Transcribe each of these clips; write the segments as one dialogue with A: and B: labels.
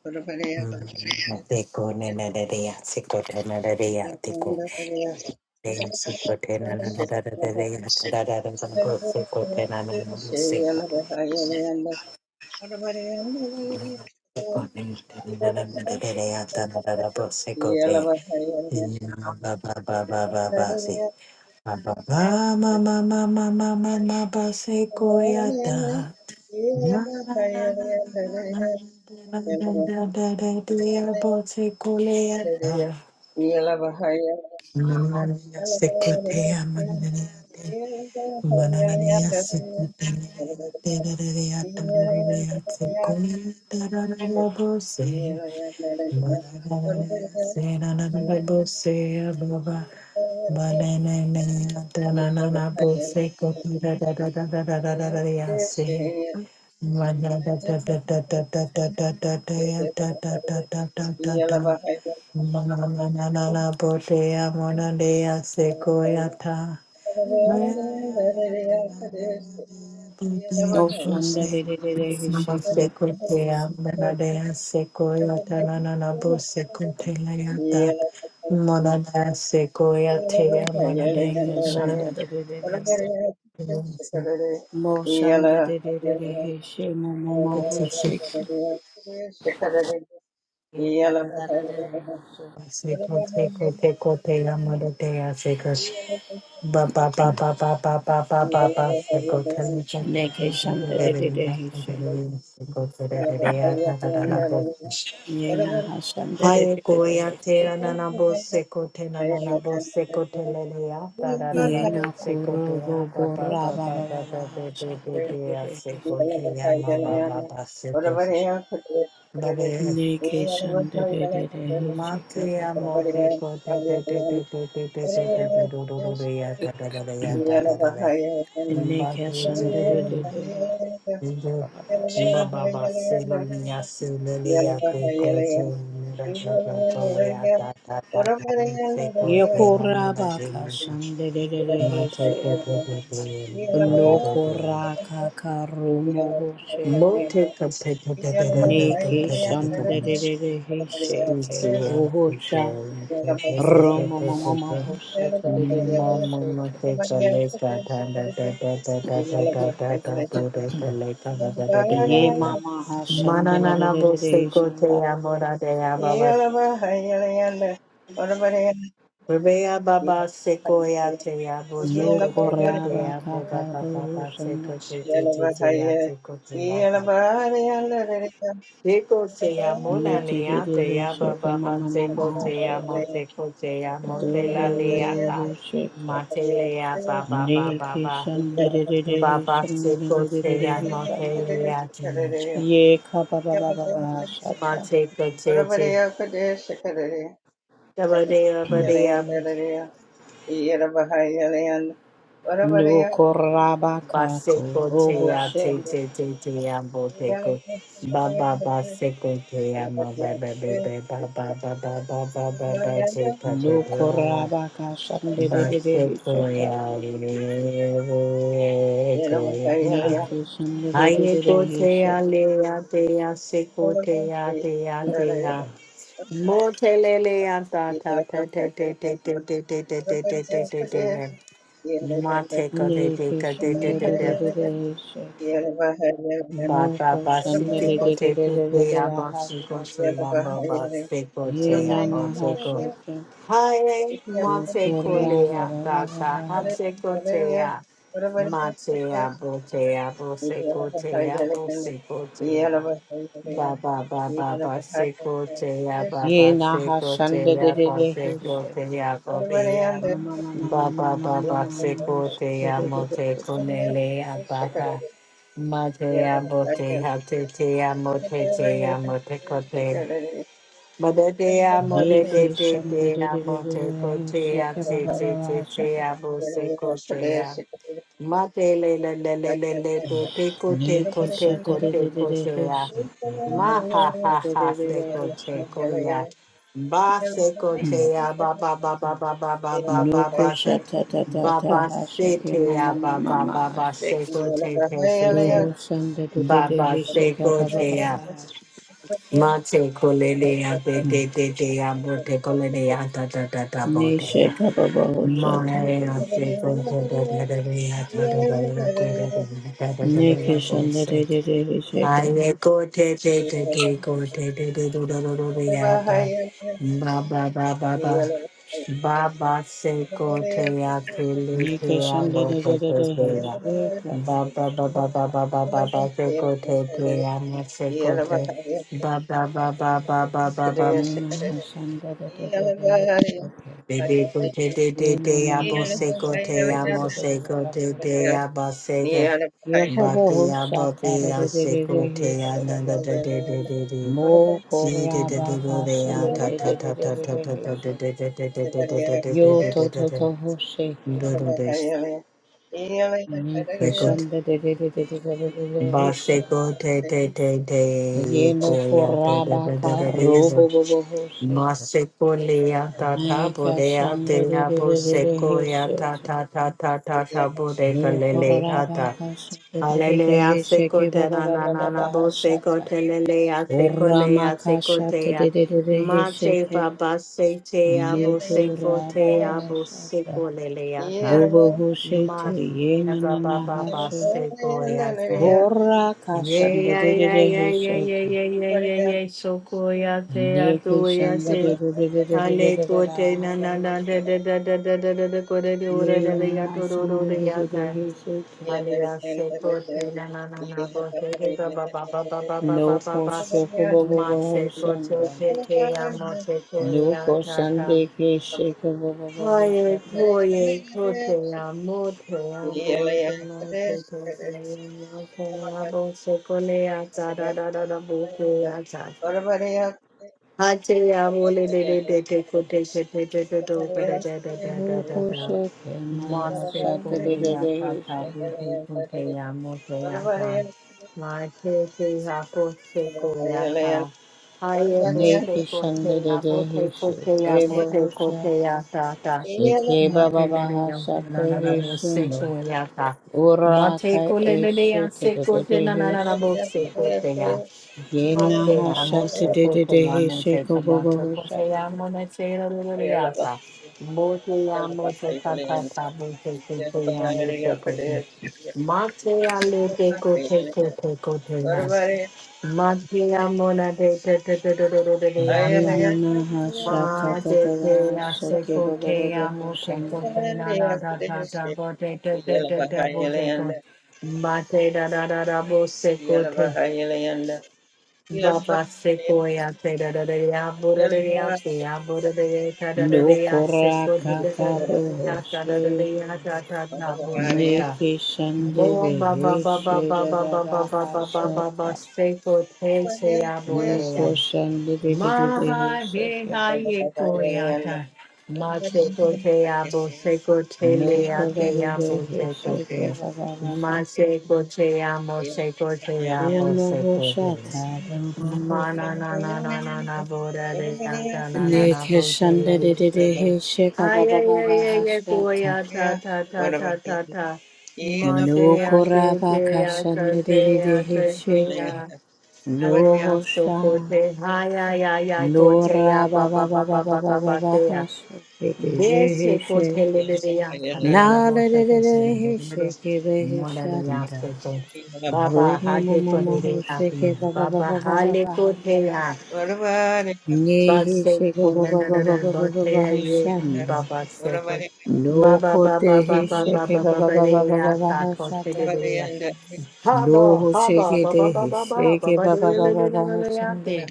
A: Yeah. Yeah.
B: O Shanda de de de de Hishike,
A: Yeah.
B: Nega Shanda de de de de Hish, Mo Shanda de de de de Hishe, Momo Hoshike, Nega Shanda de de de Hishe, Yena Hashanda de de de de Hishike, Yena Kurobo Gora Baba Baba Hashata de de de Hishe, Nega Shanda de de de Hishike, Baba Baba Hishike, Nega Shanda de de de Hishe, Baba Baba Yekorabaka shandererehe nokoraka karumoho sheke neke
A: Yeah.
B: shandererehe
A: Yeah.
B: sheke ohosha romomomomoho shetererehe sheke ye mamaha shandererehe shanda nokorabaka karumoho shanda yutererehe sheke mamamamaha sheke dororo sheke
C: Matelea ba ba ba
B: Hare
C: ba ba.
B: Krishna, Hare Krishna, Krishna,
A: Yeah,
B: Ye ka ba ba ba ba ba shata. No koraba ka ko boho she. No koraba ka shande de de de he shata. Ne Krishna, de de de de he shake.
C: De de de de de de de de de de. Mate ko de
B: Ne
C: de ko de de
B: Krishna,
C: de
B: de
C: de.
B: de de de he shake.
C: Ba
B: No
C: ba ba
B: Krishna,
C: si te
B: de
C: ko
B: de
C: te
B: de de de
C: tu te
B: de de
C: ya
B: la
C: ba
B: ha
C: si ko
B: shake.
C: te
A: Yeah.
C: ya ba ba si ko te
B: Ye
C: ya
B: na
C: ba
B: na
C: si
B: ha
C: ko.
B: shake.
C: Hare
B: No
C: mate ko le ya
B: koraba ba
C: ta
B: ba ba
C: ta ha
B: ba
C: te ko te ya. Mate ya bo te ya bo se ko te ya bo se ko te ya. Baba Baba Basiko Teya
B: Ye
C: Baba
B: naha
C: seko
B: shanda de
C: Teya
B: de de
C: Basiko
B: husha.
C: Teya Bobia
B: Mama mama mama
C: Baba
B: mama
C: Baba
B: mama
C: Siko
B: hasha de
C: Teya
B: de de de
C: Mote
B: husha.
C: Kunele Abaka Matea Bote Hate Teya Mote Teya Mote Kote Mother Teya Mote Te
B: Neke
C: Te
B: shanda de
C: Teya
B: de de de
C: Mote
B: de husha
C: Kotea
B: ke ba
C: Te
B: ba ba
C: Te
B: ba
C: Te
B: hasha.
C: Teya Boseko Teya
A: Yeah.
C: Madelelelelelele, teko teko
B: Neke shanda
C: teko
B: de de de
C: teko
B: de
C: teya.
B: husha ke
C: Ma
B: ma
C: ha
B: shanda
C: ha
B: de de
C: ha,
B: de de
C: teko
B: husha.
C: teko ya. Ba teko teya, ba ba ba ba ba ba ba ba ba
B: Noko
C: ba se.
B: shata ta ta
C: Ba
B: ta
C: ba
B: hasha
C: se
B: ke
C: teya,
B: mama mama
C: ba ba
B: mama
C: ba ba
B: hasha.
C: seko te te te te.
B: Doho shanda de de
C: Ba
B: de
C: ba
B: husha ke
C: seko
B: ba ba ba
C: teya.
B: ba hasha.
C: Ma teko lele ya, te te te te ya, bo teko lele ya, ta ta ta ta bo
B: Ne
C: teya.
B: shaka ba ba husha
C: Maya se gogo the da da da ya da da da ya go da da da da da da
B: Nike
C: da da
B: shandarere hesheka.
C: te te te te go te te te do do do do do Ba ba ba ba ba. Ba ba se go te ya te le te
B: Nike
C: ya mo te
B: shandarere
C: te te ya.
B: hesheka.
C: Ba ba ba ba ba ba ba ba ba se go te te ya mo se go te. Ba ba ba ba ba ba ba ba
B: Nina hashandarere hesheka.
C: Baby go te te te
B: Yena
C: te abo
B: nana
C: se go te
B: hashandarere
C: amo se go te
B: hesheka.
C: te abo se go
A: Yeah.
B: Yakobo
C: baki abo be a
B: hoshakarere
C: se go te
B: hesheka.
C: ananda te te te te te
B: Mo
C: si te te te
B: koraba
C: go te a ta ta
B: kashandarere
C: ta ta ta ta ta te
B: hesheka.
C: te te te te te te te te
B: Yo
C: te te te
B: to to
C: te
B: to hosheka. Nike
C: te
B: shandarere hesheka.
C: Bashiko te te te te
B: Yeno
C: koya te te
B: koraba
C: te
B: ka
C: te te te
B: robo
C: te
B: bobo hose.
C: Maseko leya ta ta
B: Neka
C: bodeya te
B: shanda de
C: ya
B: de de de de
C: boseko ya
B: hese.
C: ta ta ta ta ta ta bodeka
B: No
C: lele ya
B: koraba
C: ta
B: ka shanda de de de
C: Hallelujah
B: hese
C: seko
B: ke ba
C: te
B: ba
C: na
B: ba
C: na
B: ba
C: na
B: ba
C: na
B: ba
C: boseko
B: hashata.
C: te lele ya seko le
B: Orama
C: ya
B: ka
C: seko te
B: shata
C: ya
B: de de de de hese
C: Mate
B: ke.
C: fa base te ya
B: No to
C: boseko
B: raba
C: te ya
B: hashata.
C: boseko lele ya ta
B: Bobo hose te
C: Mate ya
B: yena na
C: ba
B: na
C: ba ba
B: hase.
C: baseko ya ta.
B: Bora ka
C: Yeah,
B: shanda
C: yeah,
B: de de
C: yeah,
B: de
C: yeah, yeah,
B: hese
C: yeah,
B: ke.
C: yeah, yeah, yeah, yeah. Sokoya te
B: Neke
C: atuya
B: shanda de
C: te.
B: de de de de de de
C: Ale
B: de de
C: kote
B: la
C: na
B: la
C: na
B: ho
C: na da da
B: shake.
C: da da da da da da kore de ora
B: Ye
C: da da ya
B: na
C: to ro ro
B: shanda
C: de
B: de
C: ya
B: de
A: Yeah,
B: de
C: ka.
B: he shake.
C: Ale ya se kote na na na na bo se ke ba ba ba ba ba ba ba ba
B: No
C: ba
B: ko
C: ba.
B: shoko bo bo bo
C: Ma
B: ho
C: se kote
B: shanda.
C: te te ya mo se ko
B: No ko
C: ya ta ta.
B: shande ke shake bo bo bo ho
C: Hoye,
B: shata.
C: hoye, kote ya mote ya bonje mote kose ya mote ya bonse kole ya ta da da da da boke Hate ya wole de de de de ko de she de de de do ba da da da da da
B: No
C: da
B: ko
C: da.
B: shake na ha
C: Mase ko
B: shata de
C: le
B: de
C: ya
B: de
C: ta
B: he
C: ta bu
B: shake.
C: te ko te ya mo te ya ta. Ma te te ya ko se ko ya ta. Ha ye bo
B: Neke
C: se ko
B: shanda
C: te
B: de
C: ya bo
B: de he
C: te ko te ya
B: shake
C: mo
B: bo
C: te
B: ho
C: ko
B: sha.
C: te ya ta ta.
B: Shake
C: Mo
B: ba ba
C: te
B: ba
C: le de
B: ha
C: ya na
B: shake
C: na na
B: he
C: bo se
B: shuno.
C: ko
A: Yeah.
C: ya ta. Mo
B: Ora
C: te
B: ka
C: ko
B: e
C: de de ya
B: shake
C: se
B: de
C: ko
B: de
C: te
B: de
C: na na
B: he
C: na na bo
B: shake.
C: se ko te ya. Mate
B: Yenaha shata
C: amose
B: de de
C: kote
B: de he
C: yamo te
B: sheko bobo
C: kamato
B: ho
C: kote
B: shata.
C: yamo na te lolo yasa. Mote yamo te kata tabu te kote yamo te kote. Mate alo te kote kote kote yas. Mate yamo na te te te te te te te te te yata.
B: Yenamaha shata da
C: Mate
B: da
C: te
B: da
C: yase
B: shake bobo
C: kote
B: bobo ho
C: yamo te
B: shande.
C: kote na na ta ta ta bo te te te te te bo te kote. Mate da da da da bo se
A: Yeah.
C: kote. Baba Sequoia, Tedadadea, Buddha, Tia, Buddha,
B: No
C: Tadadadea,
B: kora
C: Sequoia,
B: kaka boho she.
C: Tadadadea, Tatana, Buddha.
B: Neke shande
C: Bo
B: de
C: Baba
B: he
C: Baba
B: she
C: Baba
B: da da
C: Baba
B: da
C: Baba
B: ha
C: Baba Baba
B: shata.
C: Sequoia, Tia,
B: No ko
C: Buddha.
B: shande de de de de he
C: Maha
B: shake.
C: dehaye koyata. Mate kote abo seko
B: No
C: tele
B: ko da
C: ate
B: da de
C: abo
B: he
C: seko
B: shake
C: te.
B: ba ba
C: Mase kote amo seko te abo
B: Uno ho
C: seko te.
B: shata da boho
C: Mana
A: Yeah.
C: na na na na na na bo bora de ata na na
B: Ne
C: na
B: de
C: bo tele
B: de
C: le te
B: de
C: te. de.
B: he sheka ba
C: Aye
B: ba ba
C: aye
B: ba
C: aye aye
B: hashata.
C: koyata ta ta ta ta ta. ma
B: No
C: Mate ate
B: koraba
C: te ata
B: kashanda de de
C: te
B: de he
C: ate te
B: sheke.
C: ate.
B: No
C: Alea
B: hosha.
C: sokote haya ya ya
B: No
C: kote ya ba
B: raba
C: ba
B: ba ba
C: ba
B: ba
C: ba
B: ba
C: ba
B: ba
C: ba
B: ba
C: ba
B: ba
C: te ya.
B: hashata de de de
C: Bese
B: he she.
C: kote lebele ya tarara
B: Na
C: bo
B: de
C: se
B: de de
C: kote na
B: he
C: bo
B: he
C: de de.
B: he he he
C: Mola de
B: she
C: ya
B: No
C: soto. Baba
B: No No ho raba Na shanda. Romo mo
C: hade
B: mo mo
C: kote de ya
B: Nekeshandedeheshekabababahashata.
C: fiya. Baba hale
B: Nokorabakashandedehesheke. Nohosha. Norababababababahashedeheshe. Naledeheshekebeheshanda.
C: kote
B: Romomomomohoshekebababababahashanda.
C: ya. Base kote na da da bo te ya ye.
B: Neheshekebababababahashanda.
C: Baba se kote. Baba
B: Loko
C: baba baba
B: tehe
C: baba
B: sheke ba ba
C: baba
B: ba ba
C: de
B: ba
C: ya
B: ba ba
C: ta
B: ha
C: kote de
B: shata.
C: de Haba,
B: Loho
C: haba,
B: sheke
C: ba ba ba
B: tehe
C: ba ba ba
B: sheke
C: ba
B: ba
C: de
B: ba
C: le
B: ba
C: le
B: ba
C: le le
B: ba
C: le
B: ha
C: le ya
B: shande.
C: te.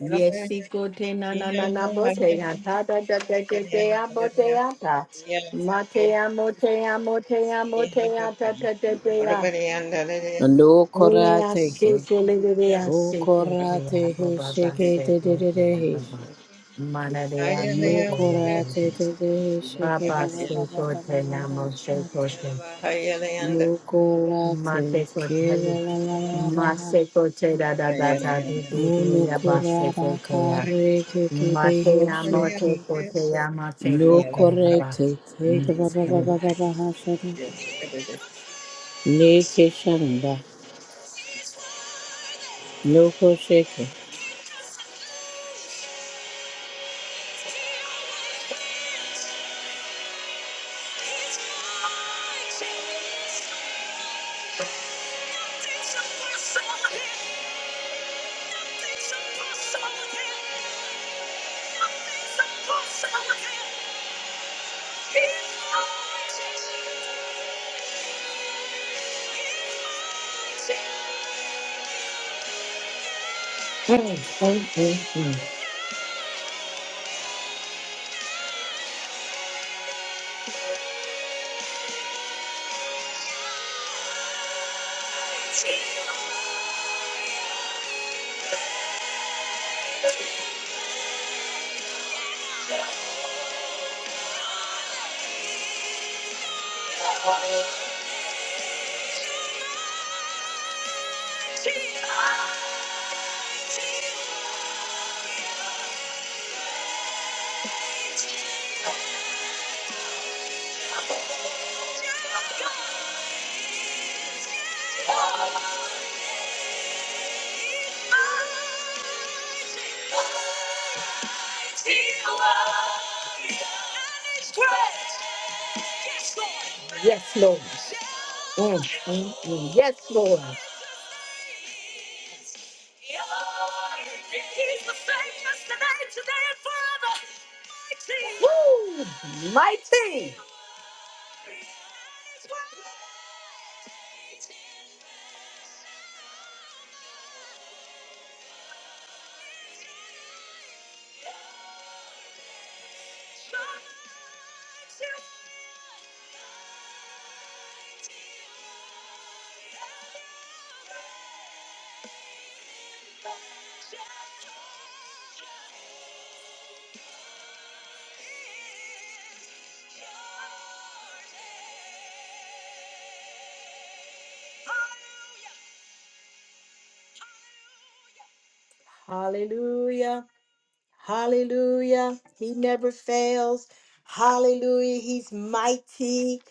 C: Yes, te na na na na bo te ya ta da da da da da ya bo ya ta. Ma te ya mo te ya mo te ya mo
A: Hello,
C: te ya ta ta ta ta ya.
B: Loko
C: Ole
B: ra
C: ya se
B: teke.
C: ko le le le ya se
B: Boko
C: ko te
B: ra
C: ya ba
B: tehe
C: ba ba
B: sheke
C: se
B: te te
C: ko
B: te
C: te
B: te
C: ya ba
B: he
C: ba.
B: she.
C: Mana de ya se ko
B: Loko
C: ya ba
B: ra
C: ba.
B: te te te he
C: Ba
B: sheke ba
C: ba
B: ba ba
C: se
B: ba
C: ko
B: ba ba
C: te
B: ba
C: na
B: ha
C: mo se ko
B: shata.
C: te. Mate
B: ke
C: kotali,
B: la la la la ba ha.
C: mase kote da da da da di di
B: Uno
C: di ya
B: kura
C: base
B: ba
C: kote ya,
B: kare ke ke be
C: mate
B: he
C: ya mate
B: sheke.
C: kote ya mate
B: No
C: kote ya ba.
B: korete teke
C: Mm,
B: ba ba ba hashada. Neke shanda. No kosheke.
C: mm. Hey, hey, hey, hey. Yes, Lord. Mm, mm, mm. Yes, Lord. Woo! Mighty. Hallelujah. Hallelujah. He never fails. Hallelujah. He's mighty.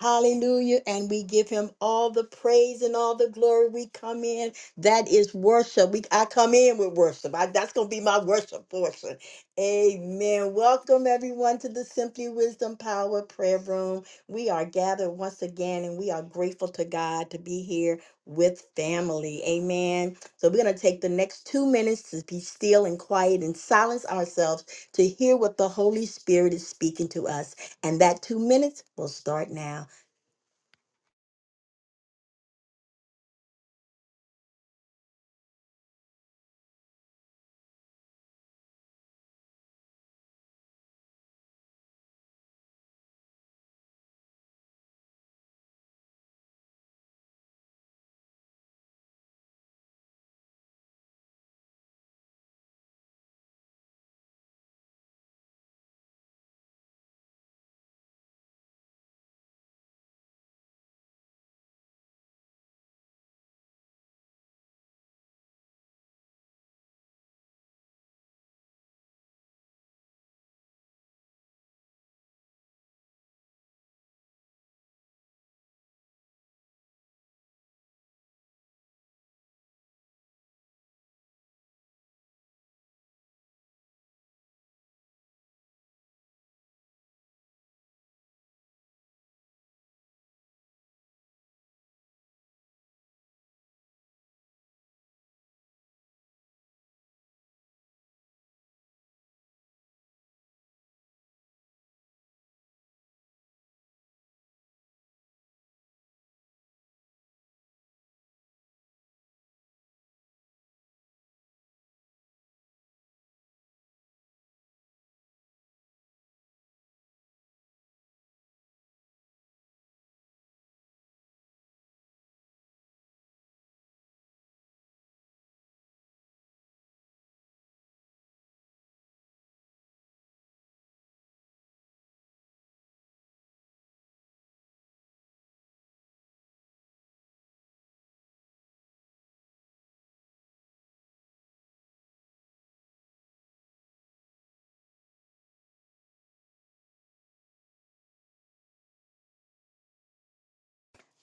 C: Hallelujah. And we give him all the praise and all the glory. We come in. That is worship. We I come in with worship. I- that's gonna be my worship portion. Amen. Welcome everyone to the Simply Wisdom Power Prayer Room. We are gathered once again and we are grateful to God to be here with family. Amen. So we're going to take the next two minutes to be still and quiet and silence ourselves to hear what the Holy Spirit is speaking to us. And that two minutes will start now.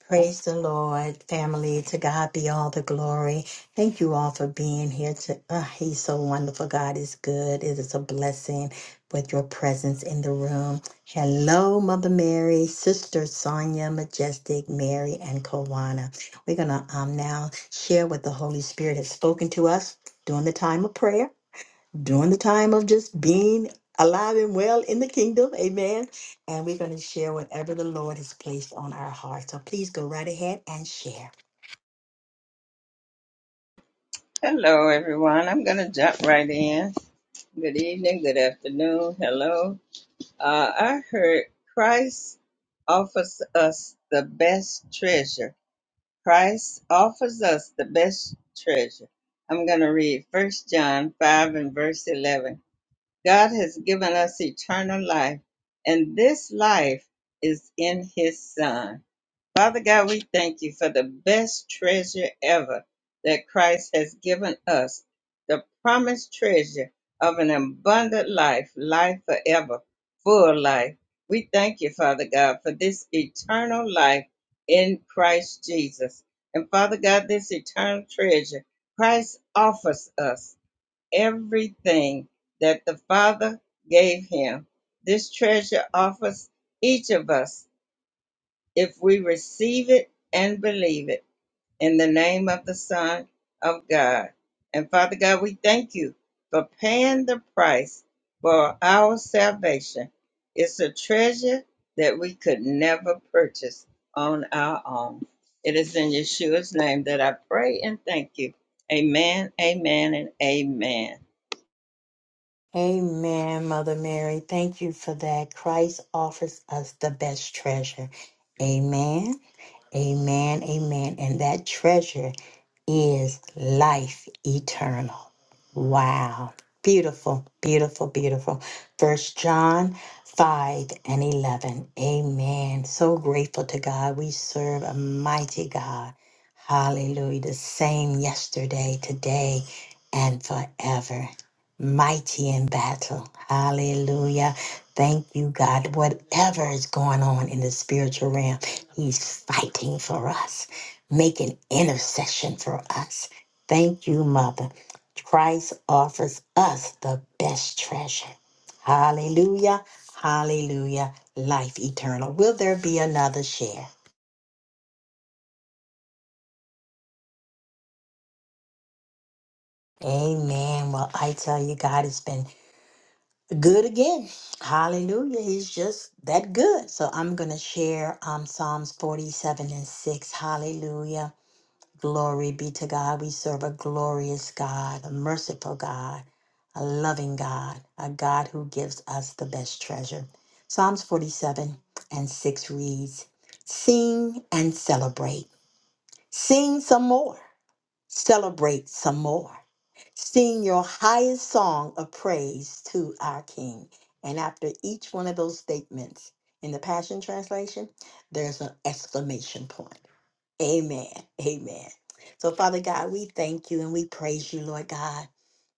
C: Praise the Lord, family. To God be all the glory. Thank you all for being here. To uh, He's so wonderful. God is good. It is a blessing with your presence in the room. Hello, Mother Mary, Sister Sonia, Majestic Mary, and Kawana. We're gonna um now share what the Holy Spirit has spoken to us during the time of prayer during the time of just being alive and well in the kingdom. Amen. And we're going to share whatever the Lord has placed on our heart. So please go right ahead and share.
A: everyone. I'm going to jump right in. Good evening, good afternoon. Hello. Uh, I heard Christ offers us the best treasure. Christ offers us the best treasure. I'm going to read First John 5 and verse 11. God has given us eternal life, and this life is in his Son. Father God, we thank you for the best treasure ever that Christ has given us, the promised treasure of an abundant life, life forever, full life. We thank you, Father God, for this eternal life in Christ Jesus. And Father God, this eternal treasure, Christ offers us everything that the Father gave him. This treasure offers each of us if we receive it and believe it in the name of the Son of God. And Father God, we thank you for paying the price for our salvation. It's a treasure that we could never purchase on our own. It is in Yeshua's name that I pray and thank you. Amen, amen, and amen.
C: Amen, Mother Mary. Thank you for that. Christ offers us the best treasure. Amen. Amen, amen. And that treasure is life eternal. Wow. Beautiful, beautiful, beautiful. First John 5 and 11. Amen. So grateful to God. We serve a mighty God. Hallelujah. The same yesterday, today, and forever. Mighty in battle. Hallelujah. Thank you, God. Whatever is going on in the spiritual realm. He's fighting for us, making intercession for us. Thank you, Mother. Christ offers us the best treasure. Hallelujah, hallelujah, life eternal. Will there be another share? Amen. Well, I tell you, God has been good again. Hallelujah. He's just that good. So I'm going to share um, Psalms 47 and 6. Hallelujah. Glory be to God. We serve a glorious God, a merciful God, a loving God, a God who gives us the best treasure. Psalms 47 and 6 reads Sing and celebrate. Sing some more. Celebrate some more. Sing your highest song of praise to our King. And after each one of those statements in the Passion Translation, there's an exclamation point. Amen. Amen. So, Father God, we thank you and we praise you, Lord God,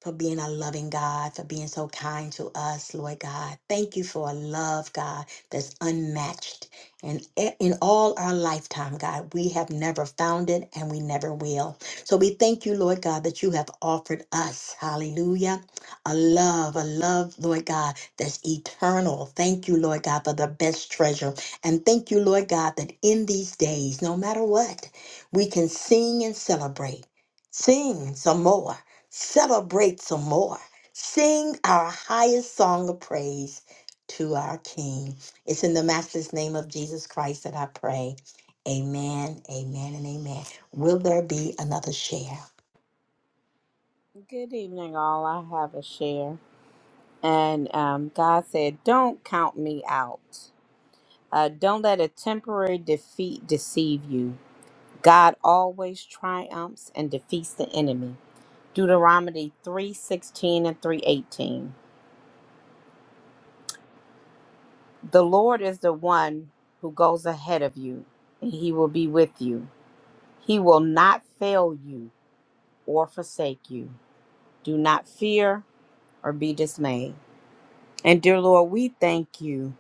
C: for being a loving God, for being so kind to us, Lord God. Thank you for a love, God, that's unmatched. And e- in all our lifetime, God, we have never found it and we never will. So we thank you, Lord God, that you have offered us, hallelujah, a love, a love, Lord God, that's eternal. Thank you, Lord God, for the best treasure. And thank you, Lord God, that in these days, no matter what, we can sing and celebrate. Sing some more. Celebrate some more. Sing our highest song of praise to our King. It's in the matchless name of Jesus Christ that I pray. Amen, amen, and amen. Will there be another share?
B: Good evening, all. I have a share. And um, God said, Don't count me out. Uh, don't let a temporary defeat deceive you. God always triumphs and defeats the enemy. Deuteronomy 3:16 and 3:18. The Lord is the one who goes ahead of you, and he will be with you. He will not fail you or forsake you. Do not fear or be dismayed. And dear Lord, we thank you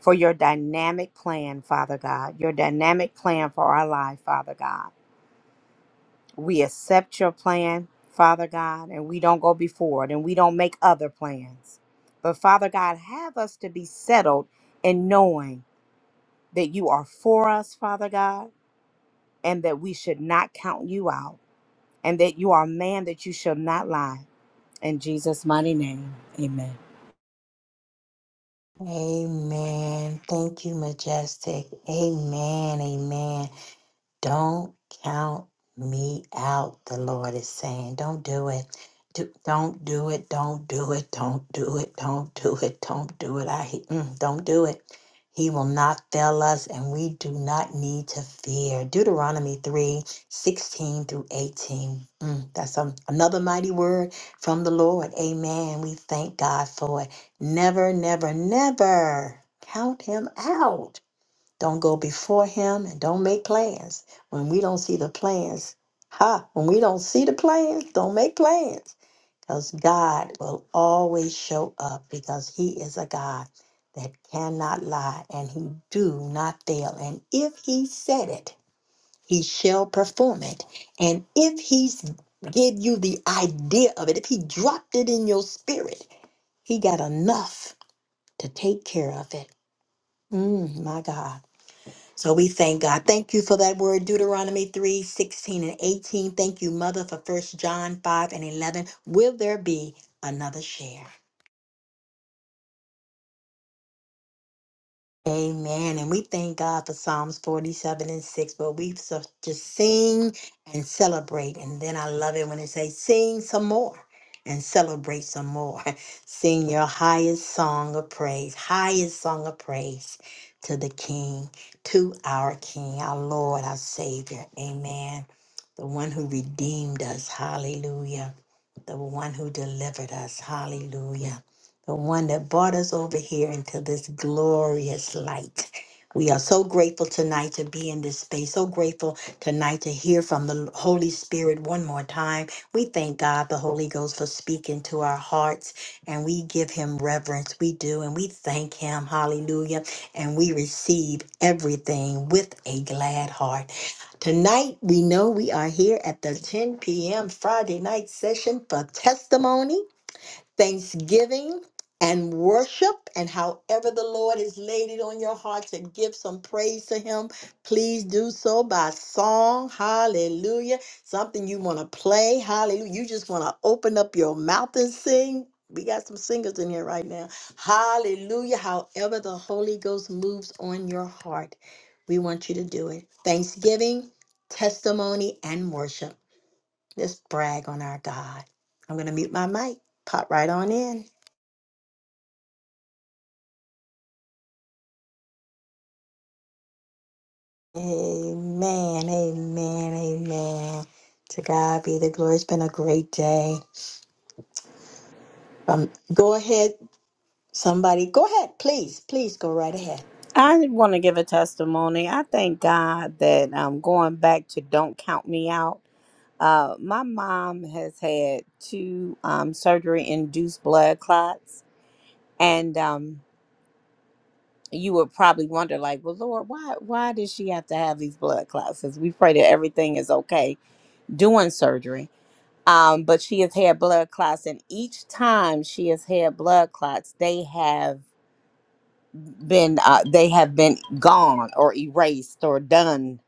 B: for your dynamic plan, Father God, your dynamic plan for our life, Father God. We accept your plan, Father God, and we don't go before it and we don't make other plans. But Father God, have us to be settled in knowing that you are for us, Father God, and that we should not count you out, and that you are a man that you shall not lie. In Jesus' mighty name, amen.
C: Amen. Thank you, Majestic. Amen, amen. Don't count me out, the Lord is saying. Don't do it. Do, don't do it. Don't do it. Don't do it. Don't do it. Don't do it. I hate- mm, don't do it. He will not fail us, and we do not need to fear. Deuteronomy 3 16 through 18. Mm, that's um another mighty word from the Lord. Amen. We thank God for it. Never, never, never count him out. Don't go before him and don't make plans. When we don't see the plans, ha, when we don't see the plans, don't make plans. Because God will always show up because he is a God that cannot lie and he do not fail. And if he said it, he shall perform it. And if he's give you the idea of it, if he dropped it in your spirit, he got enough to take care of it. Mm, my God. So we thank God. Thank you for that word, Deuteronomy 3 16 and 18. Thank you, Mother, for First John 5 and 11. Will there be another share? Amen. And we thank God for Psalms 47 and 6, but we so- just sing and celebrate. And then I love it when it says, sing some more and celebrate some more. Sing your highest song of praise, highest song of praise to the King, to our King, our Lord, our Savior. Amen. The one who redeemed us. Hallelujah. The one who delivered us. Hallelujah the one that brought us over here into this glorious light. We are so grateful tonight to be in this space, so grateful tonight to hear from the Holy Spirit one more time. We thank God, the Holy Ghost, for speaking to our hearts, and we give him reverence. We do, and we thank him. Hallelujah. And we receive everything with a glad heart. Tonight, we know we are here at the 10 p.m. Friday night session for testimony thanksgiving and worship and however the lord has laid it on your heart to give some praise to him please do so by song hallelujah something you want to play hallelujah you just want to open up your mouth and sing we got some singers in here right now hallelujah however the holy ghost moves on your heart we want you to do it thanksgiving testimony and worship Let's brag on our God. I'm going to mute my mic. Pop right on in. Amen. Amen. Amen. To God be the glory. It's been a great day. Um, go ahead, somebody. Go ahead, please. Please go right ahead.
B: I want to give a testimony. I thank God that um, going back to Don't Count Me Out, uh, my mom has had two um, surgery induced blood clots. And um, you would probably wonder, like, well, Lord, why, why does she have to have these blood clots? Because we pray that everything is okay doing surgery. Um, but she has had blood clots, and each time she has had blood clots, they have been uh, they have been gone or erased or done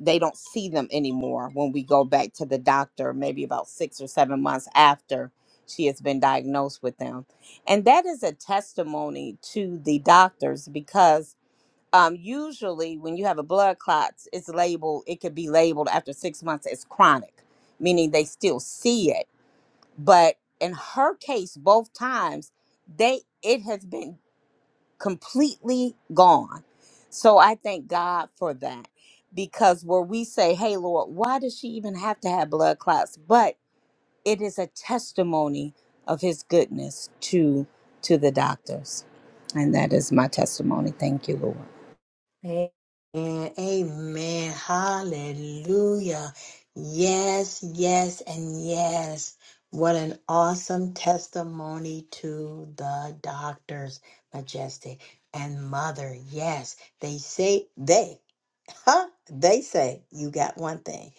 B: they don't see them anymore when we go back to the doctor maybe about six or seven months after she has been diagnosed with them and that is a testimony to the doctors because um, usually when you have a blood clots it's labeled it could be labeled after six months as chronic meaning they still see it but in her case both times they it has been completely gone. So I thank God for that because where we say, hey, Lord, why does she even have to have blood clots? But it is a testimony of his goodness to to the doctors. And that is my testimony. Thank you, Lord.
C: And amen. Hallelujah. Yes, yes, and yes. What an awesome testimony to the doctors, Majestic and Mother. Yes, they say, they, huh? They say, you got one thing.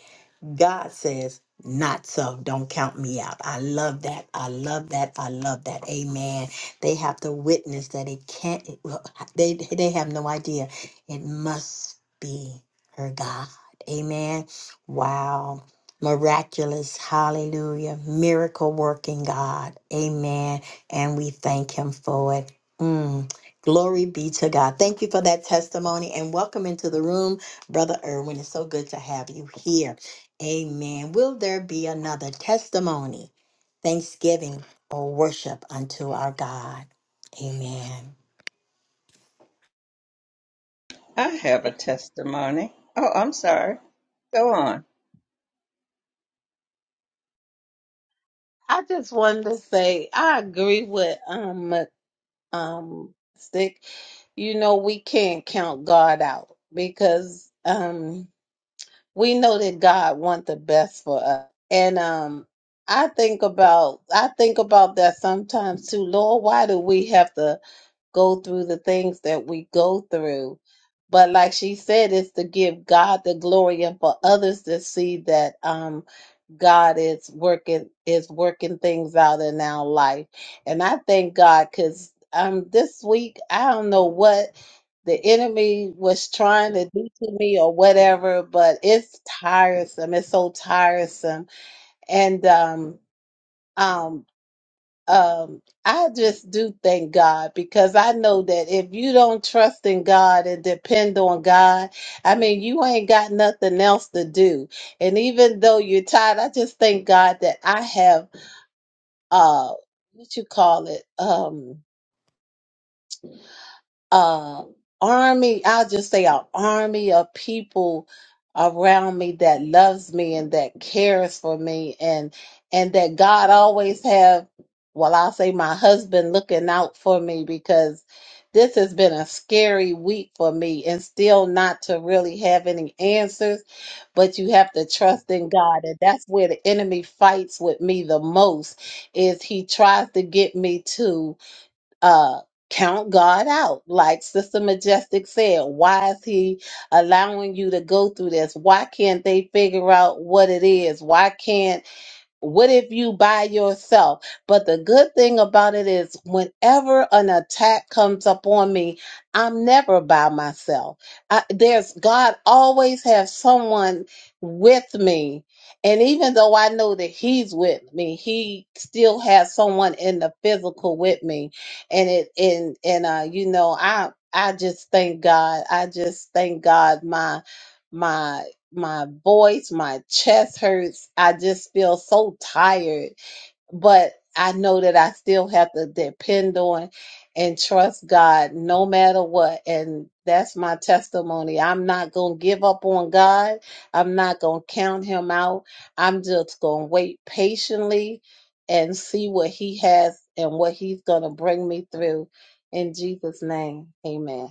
C: God says, not so. Don't count me out. I love that. I love that. I love that. Amen. They have to witness that it can't, well, they, they have no idea it must be her God. Amen. Wow. Miraculous. Hallelujah. Miracle working God. Amen. And we thank him for it. Mm. Glory be to God. Thank you for that testimony and welcome into the room, Brother Irwin. It's so good to have you here. Amen. Will there be another testimony, thanksgiving, or worship unto our God? Amen.
A: I have a testimony. Oh, I'm sorry. Go on.
D: I just wanted to say I agree with um um Stick. You know we can't count God out because um we know that God wants the best for us. And um I think about I think about that sometimes too. Lord, why do we have to go through the things that we go through? But like she said, it's to give God the glory and for others to see that um God is working is working things out in our life. And I thank God because um this week I don't know what the enemy was trying to do to me or whatever, but it's tiresome. It's so tiresome. And um um um, I just do thank God because I know that if you don't trust in God and depend on God, I mean, you ain't got nothing else to do. And even though you're tired, I just thank God that I have uh what you call it? Um uh, army, I'll just say an army of people around me that loves me and that cares for me and and that God always have well I'll say my husband looking out for me because this has been a scary week for me and still not to really have any answers but you have to trust in God and that's where the enemy fights with me the most is he tries to get me to uh count God out. Like Sister Majestic said, why is he allowing you to go through this? Why can't they figure out what it is? Why can't what if you by yourself? But the good thing about it is, whenever an attack comes up on me, I'm never by myself. I, there's God always has someone with me, and even though I know that He's with me, He still has someone in the physical with me, and it and and uh, you know, I I just thank God. I just thank God. My my my voice, my chest hurts. I just feel so tired, but I know that I still have to depend on and trust God no matter what. And that's my testimony. I'm not going to give up on God. I'm not going to count him out. I'm just going to wait patiently and see what he has and what he's going to bring me through. In Jesus' name, amen.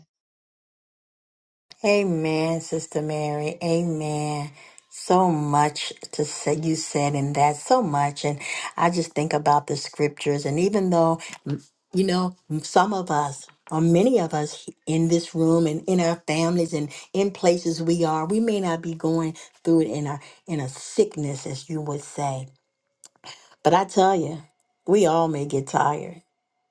C: Amen, Sister Mary. Amen. So much to say you said in that, so much. And I just think about the scriptures. And even though, mm, you know, some of us, or many of us in this room and in our families and in places we are, we may not be going through it in a in a sickness, as you would say. But I tell you, we all may get tired.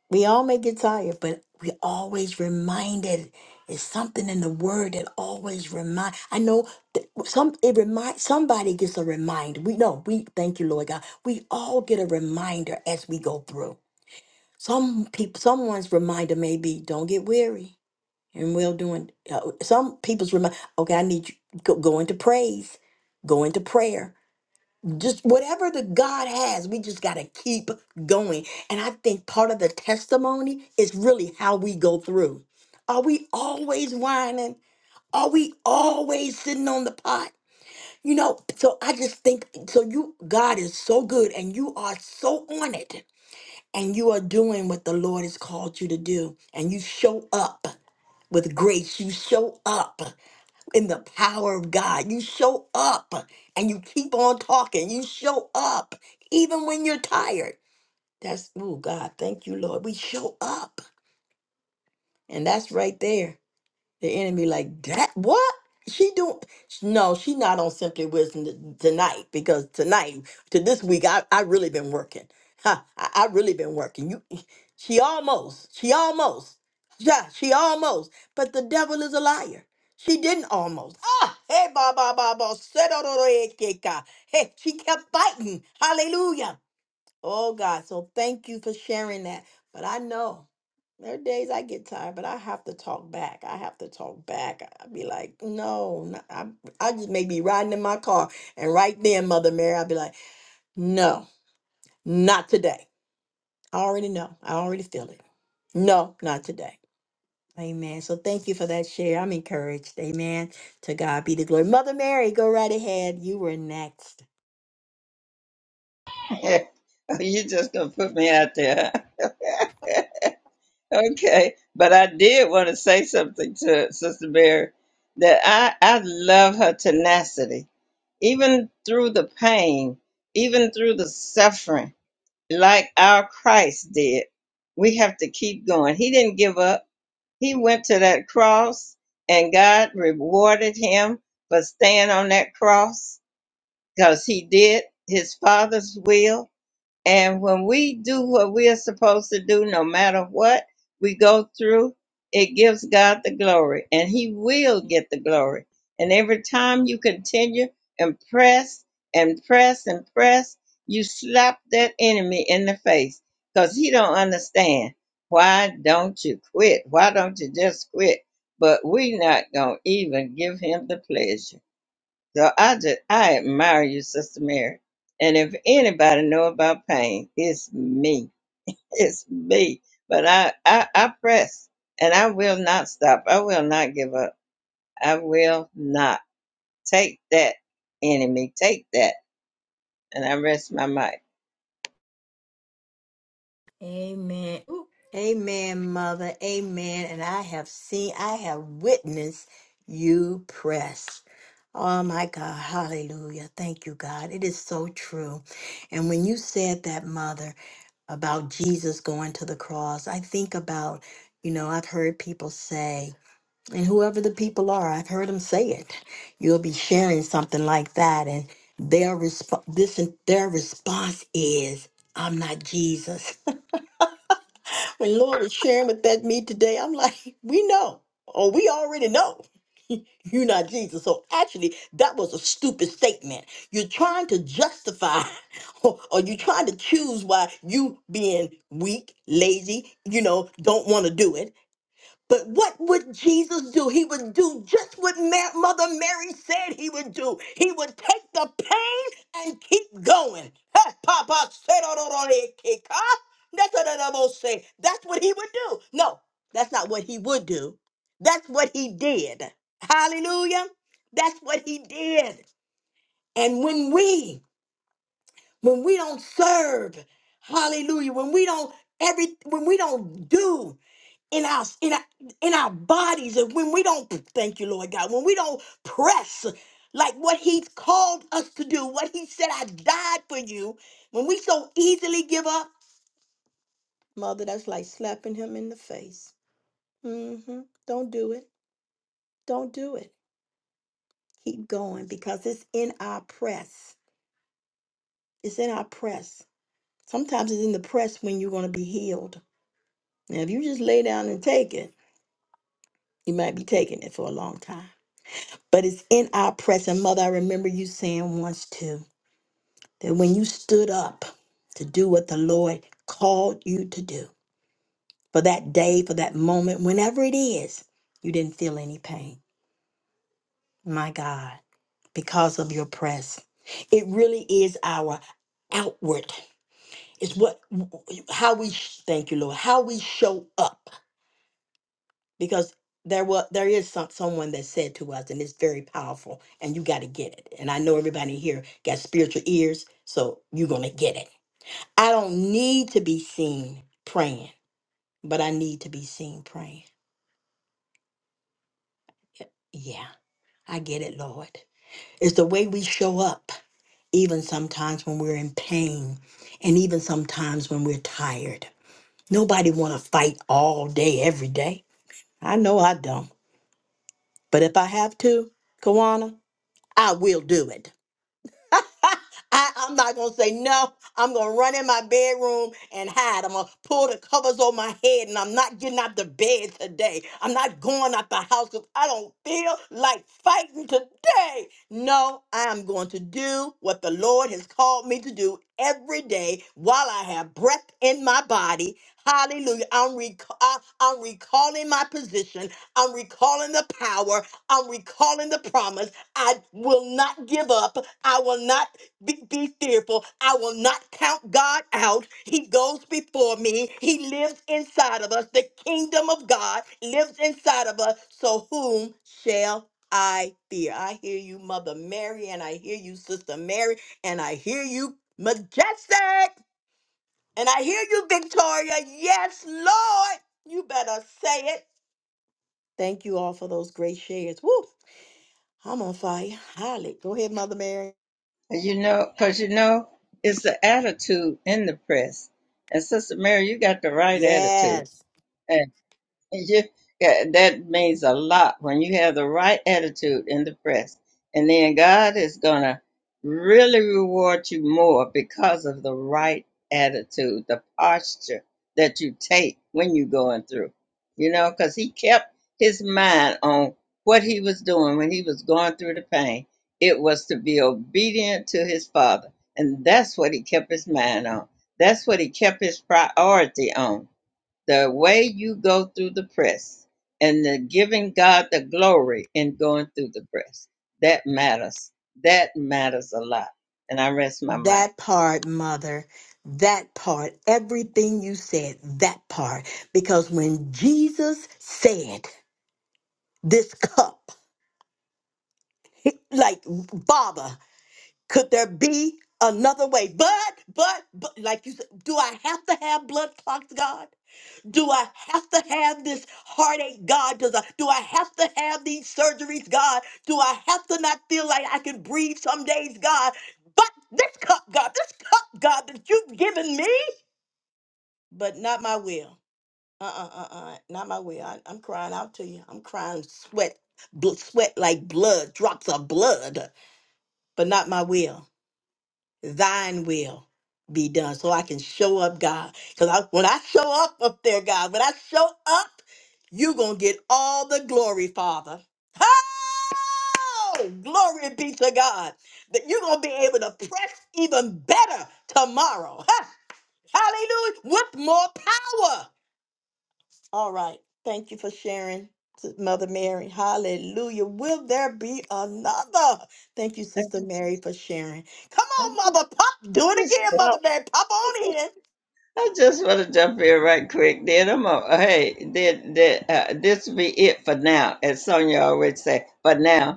C: We all may get tired, but we always reminded. It's something in the word that always remind. I know that some it remind somebody gets a reminder. We know we thank you, Lord God. We all get a reminder as we go through. Some people, someone's reminder may be, "Don't get weary," and well doing. Uh, some people's remind, "Okay, I need you go, go into praise, go into prayer." just whatever the God has, we just got to keep going. And I think part of the testimony is really how we go through. Are we always whining? Are we always sitting on the pot? You know, so I just think so you God is so good and you are so on it and you are doing what the Lord has called you to do and you show up with grace. You show up in the power of God. You show up and you keep on talking. You show up even when you're tired. That's, oh God, thank you, Lord. We show up. And that's right there. The enemy like that what? She do no, she not on Simply Wisdom t- tonight because tonight to this week I I really been working. Ha, I, I really been working. You she almost, she almost, yeah, she almost. But the devil is a liar. She didn't almost. Ah, hey, ba ba ba ba, se do settle the egg, Hey, she kept fighting. Hallelujah. Oh God, so thank you for sharing that. But I know there are days I get tired, but I have to talk back. I have to talk back. I'd be like, no, no I, I just may be riding in my car. And right then, Mother Mary, I'd be like, no, not today. I already know. I already feel it. No, not today. Amen. So thank you for that share. I'm encouraged. Amen. To God be the glory. Mother Mary, go right ahead. You were next.
A: you're just going to put me out there. Okay, but I did want to say something to Sister Mary that I I love her tenacity, even through the pain, even through the suffering, like our Christ did. We have to keep going. He didn't give up. He went to that cross, and God rewarded him for staying on that cross because he did his Father's will and when we do what we are supposed to do, no matter what we go through, it gives God the glory and He will get the glory. And every time you continue and press and press and press, you slap that enemy in the face because he don't understand. Why don't you quit? Why don't you just quit? But we not going to even give him the pleasure. So I just I admire you, Sister Mary. And if anybody know about pain, it's me. It's me. But I, I I press and I will not stop. I will not give up. I will not take that enemy. Take that. And I rest my mic.
C: Amen. Ooh. Amen, Mother. Amen. And I have seen, I have witnessed you press. Oh my God. Hallelujah. Thank you, God. It is so true. And when you said that, Mother, about Jesus going to the cross, I think about, you know, I've heard people say, and whoever the people are, I've heard them say it. You'll be sharing something like that, and their response, this, their response is, "I'm not Jesus." When Lord was sharing with that me today, I'm like, we know, or we already know. You're not Jesus. So actually, that was a stupid statement. You're trying to justify, or, or you're trying to choose why you being weak, lazy, you know, don't want to do it but what would Jesus do? He would do just what Ma- Mother Mary said he would do. He would take the pain and keep going. Hey, Papa said, "Oh, no, no, they kick, huh? That's what the devil say. That's what he would do. No, that's not what he would do. That's what he did. Hallelujah. That's what he did. And when we, when we don't serve, hallelujah, when we don't every when we don't do in our in our, in our bodies and when we don't thank you lord god when we don't press like what he's called us to do what he said i died for you when we so easily give up mother that's like slapping him in the face mm-hmm. don't do it don't do it keep going because it's in our press it's in our press sometimes it's in the press when you're going to be healed now if you just lay down and take it you might be taking it for a long time but it's in our present. Mother, I remember you saying once too that when you stood up to do what the Lord called you to do for that day, for that moment, whenever it is, you didn't feel any pain. My God, because of your press. It really is our outward. It's what how we thank you, Lord, how we show up because there was there is some, someone that said to us and it's very powerful and you got to get it and i know everybody here got spiritual ears so you're gonna get it i don't need to be seen praying but i need to be seen praying yeah i get it lord it's the way we show up even sometimes when we're in pain and even sometimes when we're tired nobody want to fight all day every day i know i don't but if i have to kawana i will do it I, I'm not gonna say no. I'm gonna run in my bedroom and hide. I'm gonna pull the covers over my head, and I'm not getting out the bed today. I'm not going out the house because I don't feel like fighting today. No, I am going to do what the Lord has called me to do every day while I have breath in my body. Hallelujah. I'm, rec- I- I'm recalling my position. I'm recalling the power. I'm recalling the promise. I will not give up. I will not be, be fearful. I will not count God out. He goes before me. He lives inside of us. The kingdom of God lives inside of us. So whom shall I fear? I hear you, Mother Mary, and I hear you, Sister Mary, and I hear you, Majestic, and I hear you, Victoria. Yes, Lord, you better say it. Thank you all for those great shares. Woo, I'm on fire. Holly, go ahead, Mother Mary.
A: And You know, because you know, it's the attitude in the press. And Sister Mary, you got the right attitude.
C: Yes.
A: And you, yeah, that means a lot when you have the right attitude in the press. And then God is going to really reward you more because of the right attitude, the posture that you take when you're going through. You know, because he kept his mind on what he was doing when he was going through the pain. It was to be obedient to his father. And that's what he kept his mind on. That's what he kept his priority on the way you go through the press and the giving God the glory in going through the press. That matters. That matters a lot. And I rest my mic.
C: That part, mother, that part, everything you said, that part. Because when Jesus said, This cup, like, Baba, could there be another way? But, but, but, like you said, do I have to have blood clots, God? Do I have to have this heartache, God? Does I, do I have to have these surgeries, God? Do I have to not feel like I can breathe some days, God? But this cup, God, this cup, God, that you've given me. but not my will. Uh uh uh uh. Not my will. I, I'm crying out to you. I'm crying sweat, bl- sweat like blood, drops of blood, but not my will. Thine will be done. So I can show up, God. Because I, when I show up up there, God, when I show up, you're going to get all the glory, Father. Oh, glory be to God. That you're going to be able to press even better tomorrow. huh? Hallelujah. With more power. All right. Thank you for sharing, S- Mother Mary. Hallelujah. Will there be another? Thank you,
A: I
C: Sister
A: just,
C: Mary, for sharing. Come
A: I
C: on,
A: just,
C: Mother Pop.
A: I
C: Do it
A: just,
C: again, Mother Mary. Pop on in.
A: I just want to jump in right quick. Then I'm gonna, hey, then, then uh, this be it for now, as Sonya always say. For now.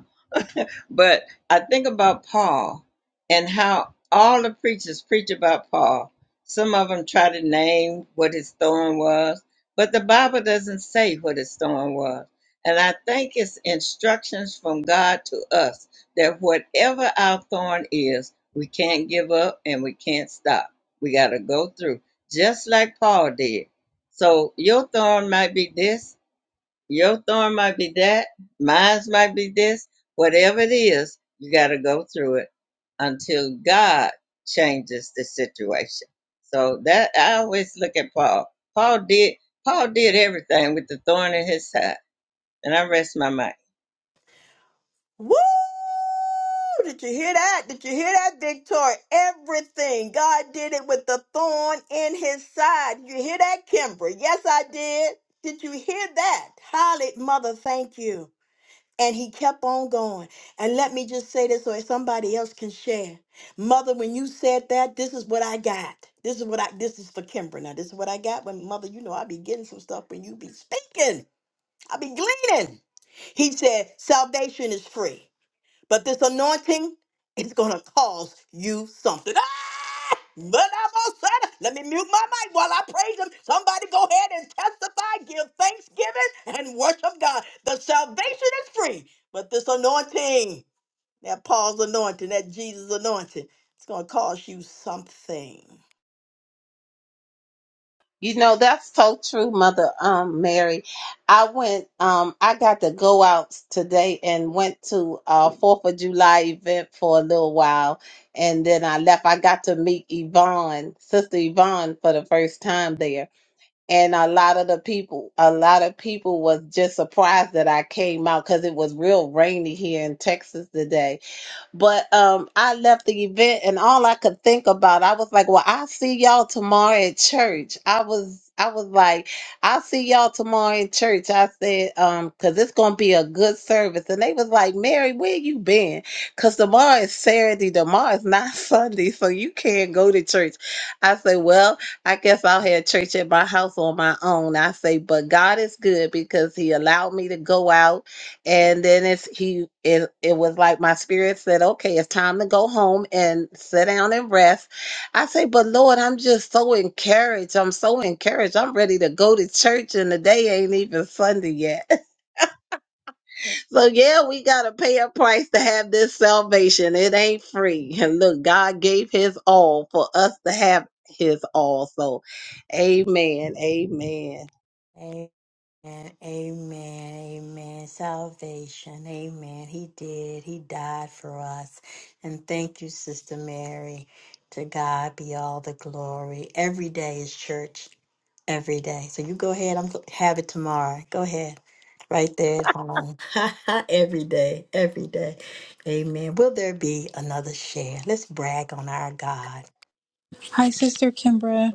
A: But I think about Paul and how all the preachers preach about Paul. Some of them try to name what his thorn was, but the Bible doesn't say what his thorn was. And I think it's instructions from God to us that whatever our thorn is, we can't give up and we can't stop. We got to go through, just like Paul did. So your thorn might be this, your thorn might be that, mine's might be this, whatever it is, you got to go through it until God changes the situation. So that I always look at Paul. Paul did Paul did everything with the thorn in his side, and I rest my mind.
C: Woo! Did you hear that? Did you hear that, Victoria? Everything. God did it with the thorn in his side. You hear that, Kimber? Yes, I did. Did you hear that? Holly, Mother, thank you. And he kept on going. And let me just say this so that somebody else can share. Mother, when you said that, this is what I got. This is what I this is for Kimber. Now, this is what I got. When mother, you know, I be getting some stuff when you be speaking. I be gleaning. He said, salvation is free. But this anointing is going to cause you something. Ah! But I'm all set. Let me mute my mic while I praise him. Somebody go ahead and testify, give thanksgiving, and worship God. The salvation is free. But this anointing, that Paul's anointing, that Jesus anointing, it's going to cause you something.
D: You know, that's so true, Mother um Mary. I went um I got to go out today and went to a Fourth of July event for a little while and then I left. I got to meet Yvonne, Sister Yvonne for the first time there. And a lot of the people, a lot of people was just surprised that I came out because it was real rainy here in Texas today but um, I left the event and all I could think about, I was like, well, I'll see y'all tomorrow at church. I was I was like, I'll see y'all tomorrow in church. I said, um, cause it's gonna be a good service. And they was like, Mary, where you been? Cause tomorrow is Saturday, tomorrow is not Sunday, so you can't go to church. I say, Well, I guess I'll have church at my house on my own. I say, but God is good because He allowed me to go out and then it's he it, it was like my spirit said okay it's time to go home and sit down and rest i say but lord i'm just so encouraged i'm so encouraged i'm ready to go to church and the day ain't even sunday yet so yeah we gotta pay a price to have this salvation it ain't free and look god gave his all for us to have his all so amen amen
C: Amen, amen, amen. Salvation, amen. He did. He died for us. And thank you, Sister Mary. To God be all the glory. Every day is church. Every day. So you go ahead. I'm gl- have it tomorrow. Go ahead. Right there at home. every day. Every day. Amen. Will there be another share? Let's brag on our God.
E: Hi, Sister Kimbra.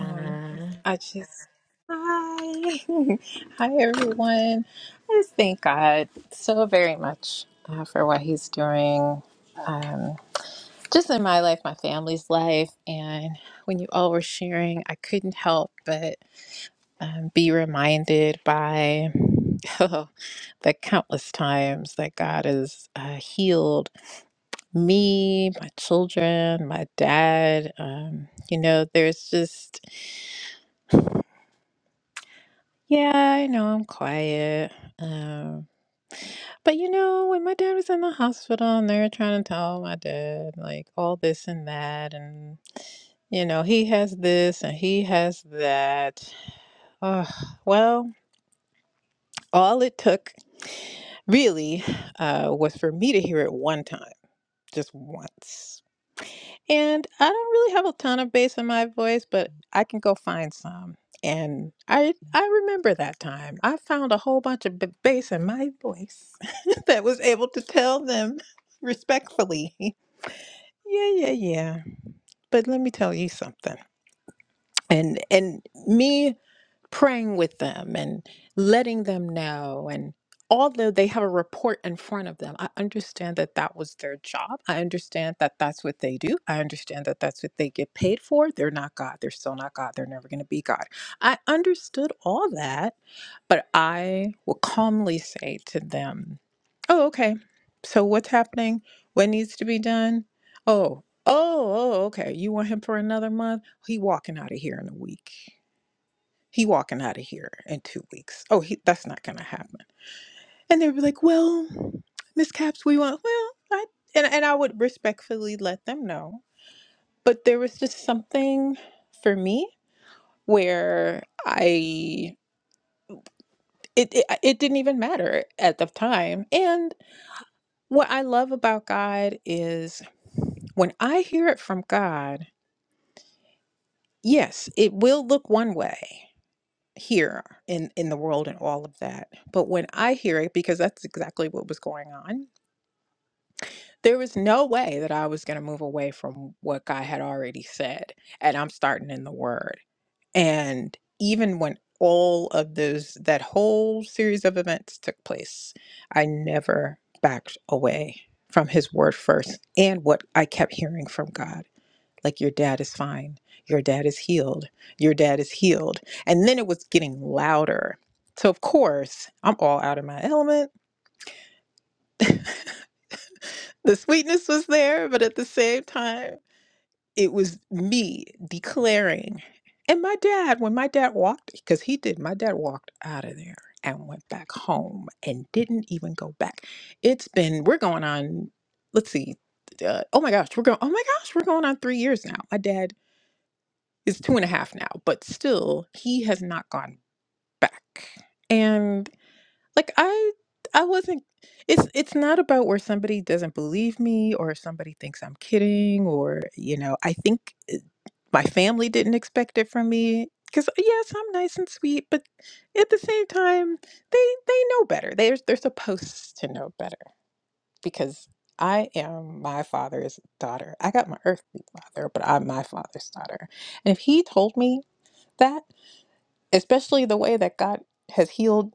E: Um, I just hi, hi everyone. I just thank God so very much uh, for what He's doing, um, just in my life, my family's life, and when you all were sharing, I couldn't help but um, be reminded by the countless times that God has uh, healed me, my children, my dad. Um, you know, there's just Yeah, I know I'm quiet. Um, but you know, when my dad was in the hospital and they were trying to tell my dad like all this and that, and you know, he has this and he has that. Ugh, well, all it took really uh, was for me to hear it one time, just once. And I don't really have a ton of bass in my voice, but I can go find some. And I I remember that time. I found a whole bunch of b- bass in my voice that was able to tell them respectfully. Yeah, yeah, yeah. But let me tell you something. And and me praying with them and letting them know and although they have a report in front of them i understand that that was their job i understand that that's what they do i understand that that's what they get paid for they're not god they're still not god they're never going to be god i understood all that but i will calmly say to them oh okay so what's happening what needs to be done oh oh oh okay you want him for another month he walking out of here in a week he walking out of here in two weeks. Oh, he, that's not gonna happen. And they'd be like, well, Miss Caps, we want. Well, I and and I would respectfully let them know. But there was just something for me where I it it, it didn't even matter at the time. And what I love about God is when I hear it from God, yes, it will look one way here in in the world and all of that but when i hear it because that's exactly what was going on there was no way that i was going to move away from what god had already said and i'm starting in the word and even when all of those that whole series of events took place i never backed away from his word first and what i kept hearing from god like your dad is fine your dad is healed your dad is healed and then it was getting louder so of course i'm all out of my element the sweetness was there but at the same time it was me declaring and my dad when my dad walked because he did my dad walked out of there and went back home and didn't even go back it's been we're going on let's see uh, oh my gosh we're going oh my gosh we're going on three years now my dad is two and a half now, but still, he has not gone back. And like I, I wasn't. It's it's not about where somebody doesn't believe me or somebody thinks I'm kidding or you know. I think uh, my family didn't expect it from me because yes, I'm nice and sweet, but at the same time, they they know better. They're they're supposed to know better because. I am my father's daughter. I got my earthly father, but I'm my father's daughter. And if he told me that, especially the way that God has healed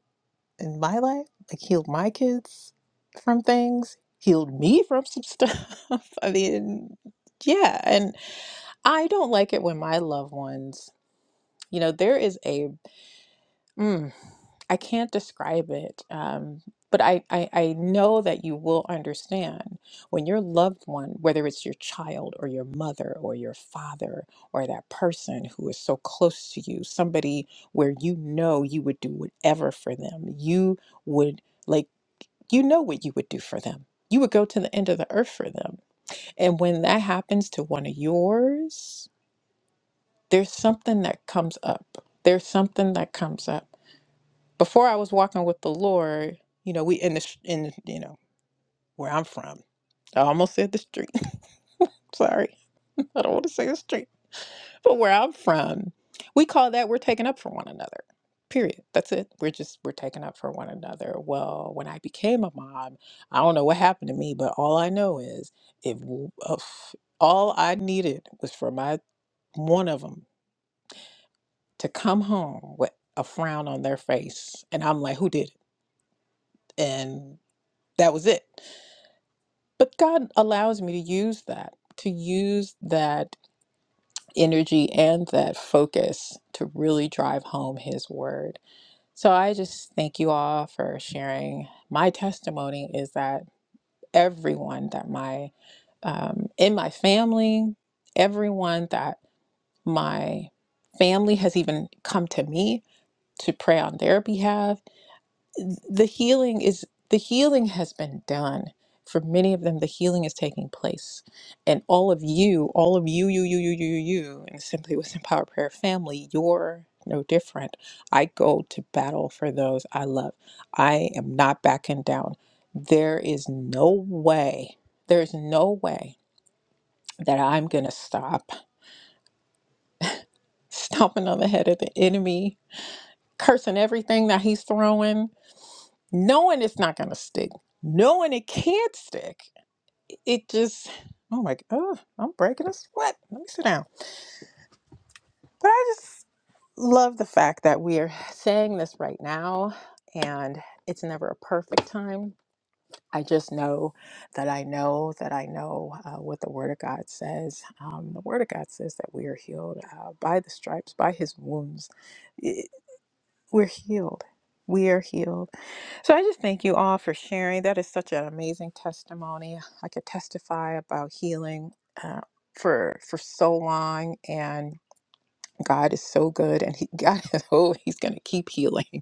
E: in my life, like healed my kids from things, healed me from some stuff. I mean, yeah, and I don't like it when my loved ones, you know, there is a Mm, I can't describe it, um, but I, I, I know that you will understand when your loved one, whether it's your child or your mother or your father or that person who is so close to you, somebody where you know you would do whatever for them, you would like you know what you would do for them. You would go to the end of the earth for them. And when that happens to one of yours, there's something that comes up. There's something that comes up before I was walking with the Lord, you know, we in the sh- in you know where I'm from. I almost said the street. Sorry, I don't want to say the street, but where I'm from, we call that we're taking up for one another. Period. That's it. We're just we're taking up for one another. Well, when I became a mom, I don't know what happened to me, but all I know is if uh, all I needed was for my one of them to come home with a frown on their face, and I'm like, who did it? And that was it. But God allows me to use that, to use that energy and that focus to really drive home His word. So I just thank you all for sharing. My testimony is that everyone that my, um, in my family, everyone that my family has even come to me to pray on their behalf the healing is the healing has been done for many of them the healing is taking place and all of you all of you you you you you you and simply with empower prayer family you're no different i go to battle for those i love i am not backing down there is no way there's no way that i'm gonna stop stomping on the head of the enemy cursing everything that he's throwing knowing it's not going to stick, knowing it can't stick, it just, oh my, oh, I'm breaking a sweat. Let me sit down. But I just love the fact that we are saying this right now and it's never a perfect time. I just know that I know that I know uh, what the Word of God says. Um, the Word of God says that we are healed uh, by the stripes, by His wounds. I- We're healed. We are healed. So I just thank you all for sharing. That is such an amazing testimony. I could testify about healing uh, for for so long, and God is so good, and He God is oh He's going to keep healing.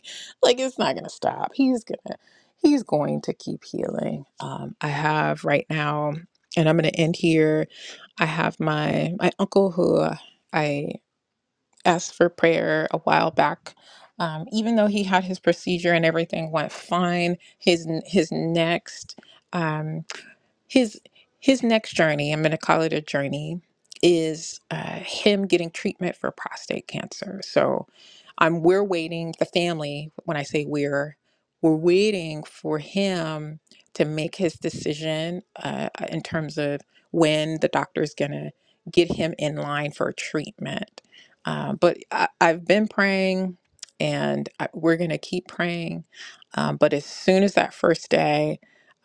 E: Like it's not going to stop. He's gonna He's going to keep healing. Um, I have right now, and I'm going to end here. I have my my uncle who. I asked for prayer a while back. Um, even though he had his procedure and everything went fine, his his next um, his his next journey i'm going to call it a journey is uh, him getting treatment for prostate cancer so um, we're waiting the family when i say we're we're waiting for him to make his decision uh, in terms of when the doctor's going to get him in line for treatment uh, but I, i've been praying and I, we're going to keep praying um, but as soon as that first day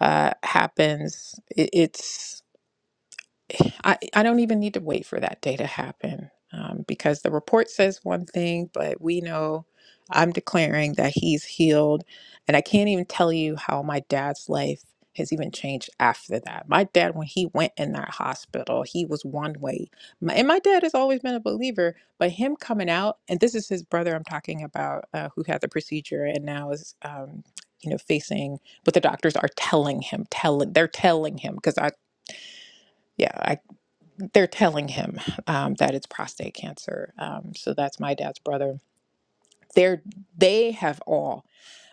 E: uh, happens. It, it's I, I don't even need to wait for that day to happen um, because the report says one thing, but we know I'm declaring that he's healed. And I can't even tell you how my dad's life has even changed after that. My dad, when he went in that hospital, he was one way. My, and my dad has always been a believer, but him coming out, and this is his brother I'm talking about uh, who had the procedure and now is. Um, you know, facing what the doctors are telling him, telling they're telling him because I yeah they're telling him um, that it's prostate cancer. Um, so that's my dad's brother. They're they have all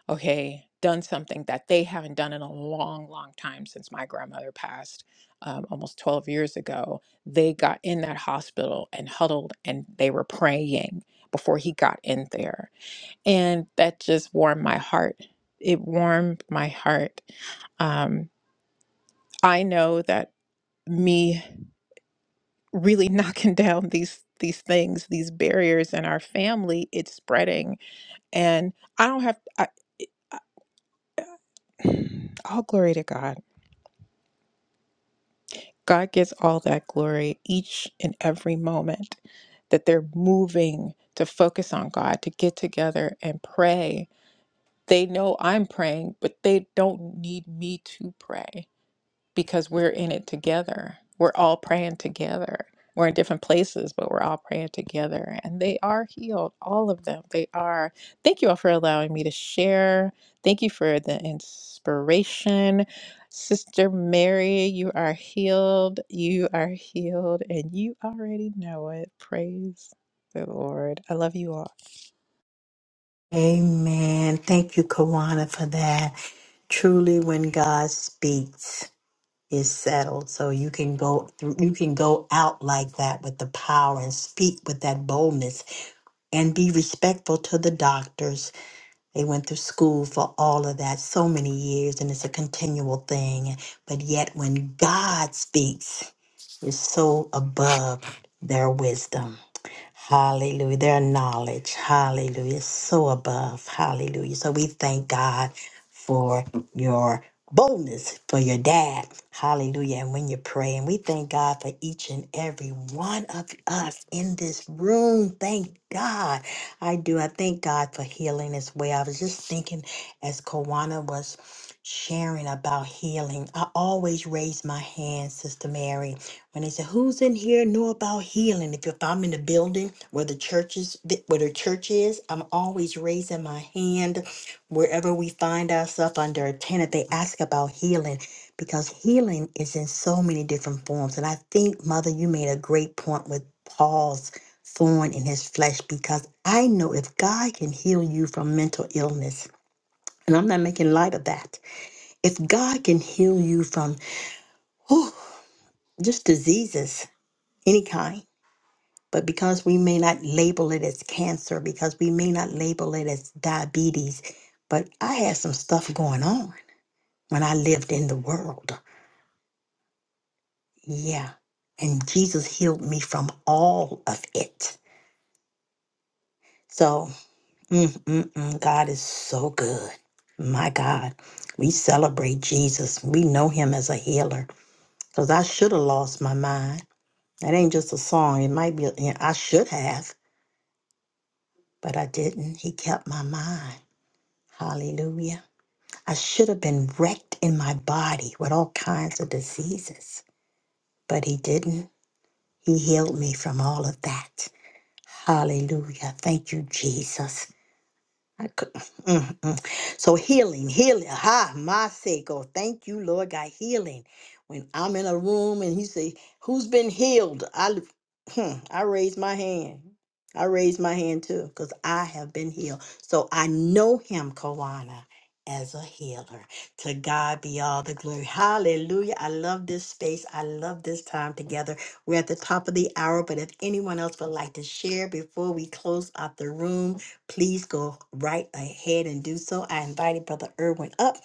E: okay done something that they haven't done in a long, long time since my grandmother passed um, almost 12 years ago. They got in that hospital and huddled and they were praying before he got in there, and that just warmed my heart. It warmed my heart. Um, I know that me. really knocking down these these things these barriers in our family it's spreading and i don't have I, I, all glory to god god gets all that glory each and every moment that they're moving to focus on god to get together and pray they know i'm praying but they don't need me to pray because we're in it together. We're all praying together. We're in different places, but we're all praying together. And they are healed, all of them. They are. Thank you all for allowing me to share. Thank you for the inspiration. Sister Mary, you are healed. You are healed, and you already know it. Praise the Lord. I love you all.
C: Amen. Thank you, Kawana, for that. Truly, when God speaks. is settled so you can go through you can go out like that with the power and speak with that boldness and be respectful to the doctors they went through school for all of that so many years and it's a continual thing but yet when god speaks is so above their wisdom Hallelujah. Their knowledge, hallelujah, is so above. Hallelujah. So we thank God for your boldness, for your dad. Hallelujah. And when you pray, and we thank God for each and every one of us in this room. Thank God. I do. I thank God for healing as well. I was just thinking as Kawana was sharing about healing. I always raise my hand, Sister Mary and they said, "Who's in here know about healing?" If, if I'm in the building where the church is, where the church is, I'm always raising my hand. Wherever we find ourselves under a tenant, they ask about healing because healing is in so many different forms. And I think, Mother, you made a great point with Paul's thorn in his flesh because I know if God can heal you from mental illness, and I'm not making light of that, if God can heal you from whew, just diseases any kind But because we may not label it as cancer, because we may not label it as diabetes, but I had some stuff going on when I lived in the world. Yeah. And Jesus healed me from all of it. So, mm, mm, mm, God is so good. My God, we celebrate Jesus. We know him as a healer because I should have lost my mind. That ain't just a song. It might be, I should have, but I didn't. He kept my mind. Hallelujah. I should have been wrecked in my body with all kinds of diseases, but He didn't. He healed me from all of that. Hallelujah. Thank you, Jesus. I could, mm, mm. So healing, healing. Ha, my sake. Oh, thank you, Lord God. Healing. When I'm in a room and you say, "Who's been healed?" I, l- hmm, I raise my hand. I raise my hand too, because I have been healed. So I know Him, Kawana, as a healer. To God be all the glory. Hallelujah. I love this space. I love this time together. We're at the top of the hour, but if anyone else would like to share before we close out the room, Please go right ahead and do so. I invited Brother Irwin up,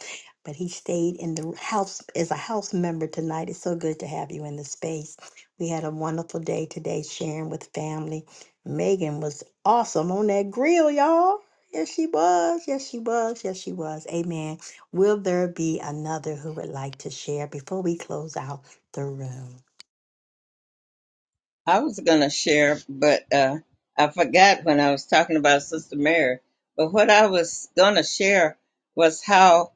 C: but he stayed in the house as a house member tonight. It's so good to have you in the space. We had a wonderful day today sharing with family. Megan was awesome on that grill, y'all. Yes, she was. Yes, she was. Yes, she was. Amen. Will there be another who would like to share before we close out the room?
A: I was gonna share, but uh, I forgot when I was talking about Sister Mary. But what I was gonna share was how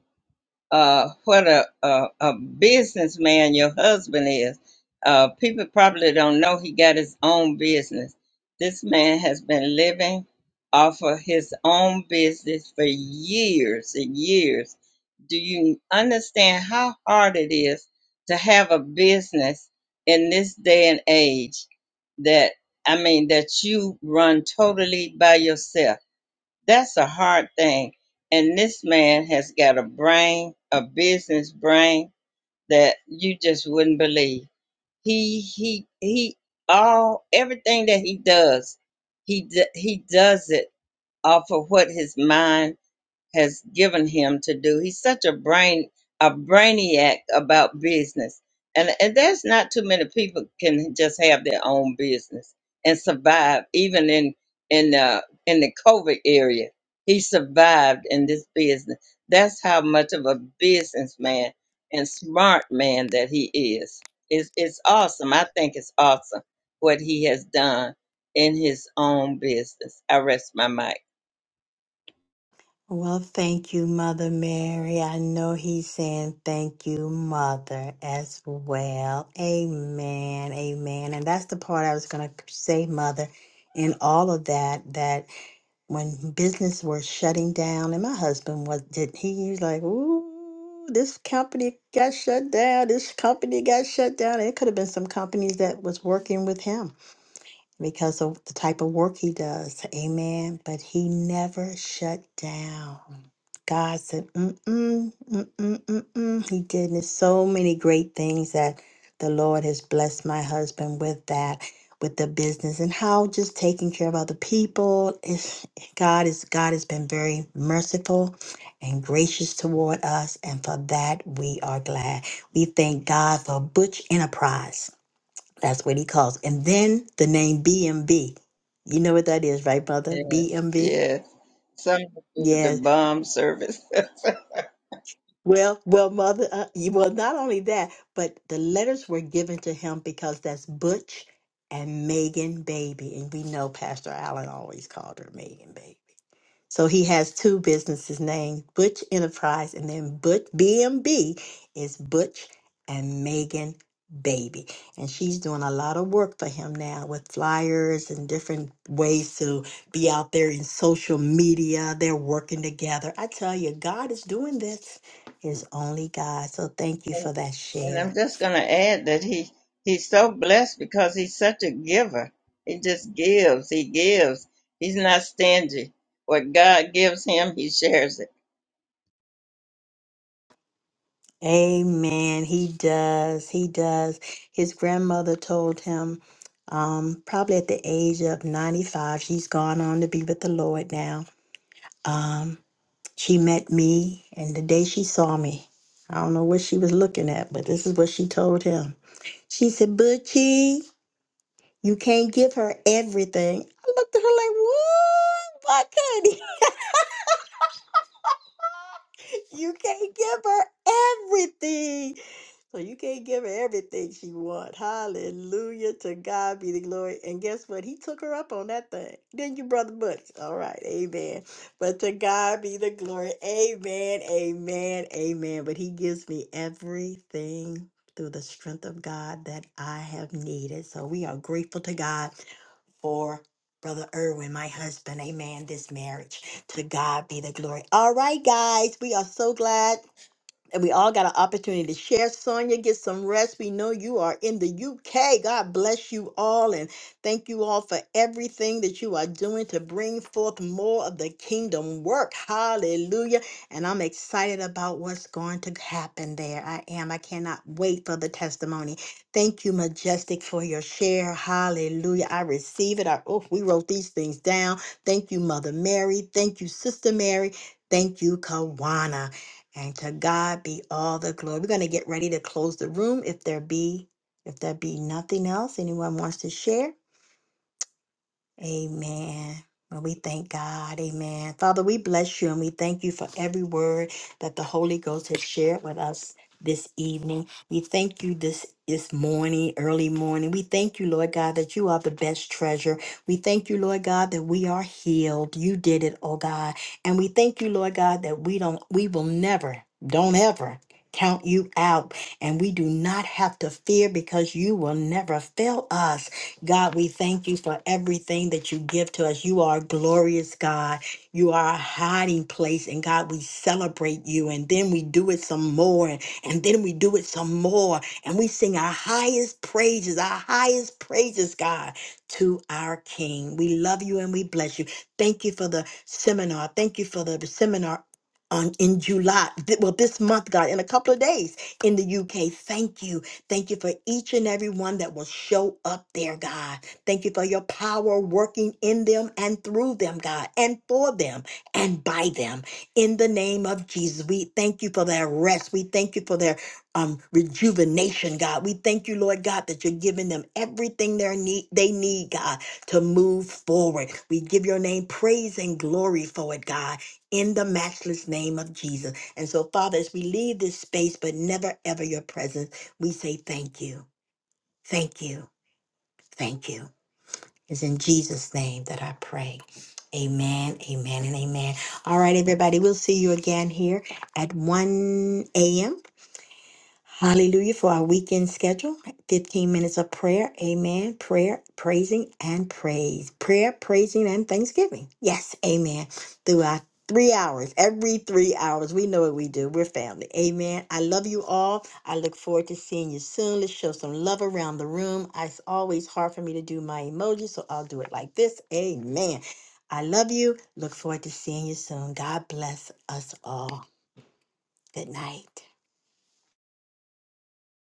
A: uh, what a, a, a businessman your husband is. Uh, people probably don't know he got his own business. This man has been living off of his own business for years and years. Do you understand how hard it is to have a business in this day and age that, I mean, that you run totally by yourself? That's a hard thing. And this man has got a brain, a business brain that you just wouldn't believe. He he he all everything that he does, he d- he does it off of what his mind has given him to do. He's such a brain a brainiac about business. And and there's not too many people can just have their own business and survive even in in uh in the COVID area. He survived in this business. That's how much of a businessman and smart man that he is. It's it's awesome. I think it's awesome what he has done in his own business. I rest my mic.
C: Well, thank you, Mother Mary. I know he's saying thank you, Mother, as well. Amen. Amen. And that's the part I was going to say, Mother, in all of that, that when business was shutting down, and my husband was, did he, was like, ooh, this company got shut down. This company got shut down. It could have been some companies that was working with him because of the type of work he does. Amen. But he never shut down. God said, mm-mm, mm-mm, mm-mm. He did And There's so many great things that the Lord has blessed my husband with that, with the business and how just taking care of other people. It's, God is God has been very merciful and gracious toward us. And for that we are glad. We thank God for Butch Enterprise. That's what he calls. And then the name BMB. You know what that is, right, mother?
A: Yes,
C: BMB?
A: yes. something to do with the
C: Yes.
A: bomb service. and,
C: Well, well, mother, uh, you- well, not only that, but the letters were given to him because that's Butch and Megan Baby. And we know Pastor Allen always called her Megan Baby. So he has two businesses named Butch Enterprise and then Butch BMB is Butch and Megan Baby. And she's doing a lot of work for him now with flyers and different ways to be out there in social media. They're working together. I tell you, God is doing this. Is only God. So thank you for that
A: and
C: share.
A: I'm just going to add that he he's so blessed because he's such a giver. He just gives. He gives. He's not stingy. What God gives him, he shares it.
C: Amen. He does. He does. His grandmother told him, um, probably at the age of 95, she's gone on to be with the Lord now. Um, she met me, and the day she saw me, I don't know what she was looking at, but this is what she told him. She said, Butchie, you can't give her everything. I looked at her like, what? Why can't he? you can't give her everything. So you can't give her everything she want. Hallelujah to God be the glory. And guess what? He took her up on that thing. Then you, brother buddy. All right, amen. But to God be the glory. Amen, amen, amen. But he gives me everything through the strength of God that I have needed. So we are grateful to God for Brother Irwin, my husband. Amen. This marriage. To God be the glory. All right, guys. We are so glad and we all got an opportunity to share. Sonia, get some rest. We know you are in the UK. God bless you all and thank you all for everything that you are doing to bring forth more of the kingdom work. Hallelujah. And I'm excited about what's going to happen there. I am. I cannot wait for the testimony. Thank you, Majestic, for your share. Hallelujah. I receive it. I, oh, we wrote these things down. Thank you, Mother Mary. Thank you, Sister Mary. Thank you, Kawana. And to God be all the glory. We're going to get ready to close the room if there be if there be nothing else anyone wants to share. Amen. Well, we thank God. Amen. Father, we bless you and we thank you for every word that the Holy Ghost has shared with us this evening. We thank you this this morning, early morning. We thank you, Lord God, that you are the best treasure. We thank you, Lord God, that we are healed. You did it, oh God. And we thank you, Lord God, that we don't we will never, don't ever count you out. And we do not have to fear because you will never fail us. God, we thank you for everything that you give to us. You are a glorious God. You are a hiding place. And God, we celebrate you. And then we do it some more. And, and then we do it some more. And we sing our highest praises, our highest praises, God, to our King. We love you and we bless you. Thank you for the seminar. Thank you for the seminar. On, in July, th- well, this month, God, in a couple of days in the UK. Thank you. Thank you for each and every one that will show up there, God. Thank you for your power working in them and through them, God, and for them and by them. In the name of Jesus, we thank you for their rest. We thank you for their um, rejuvenation, God. We thank you, Lord God, that you're giving them everything they need, they need, God, to move forward. We give your name praise and glory for it, God, in the matchless name of Jesus. And so, Father, as we leave this space, but never ever your presence, we say thank you, thank you, thank you. It's in Jesus' name that I pray. Amen, amen, and amen. All right, everybody, we'll see you again here at 1 a.m. Hallelujah for our weekend schedule. 15 minutes of prayer. Amen. Prayer, praising, and praise. Prayer, praising, and thanksgiving. Yes. Amen. Through our three hours, every three hours. We know what we do. We're family. Amen. I love you all. I look forward to seeing you soon. Let's show some love around the room. It's always hard for me to do my emojis, so I'll do it like this. Amen. I love you. Look forward to seeing you soon. God bless us all. Good night.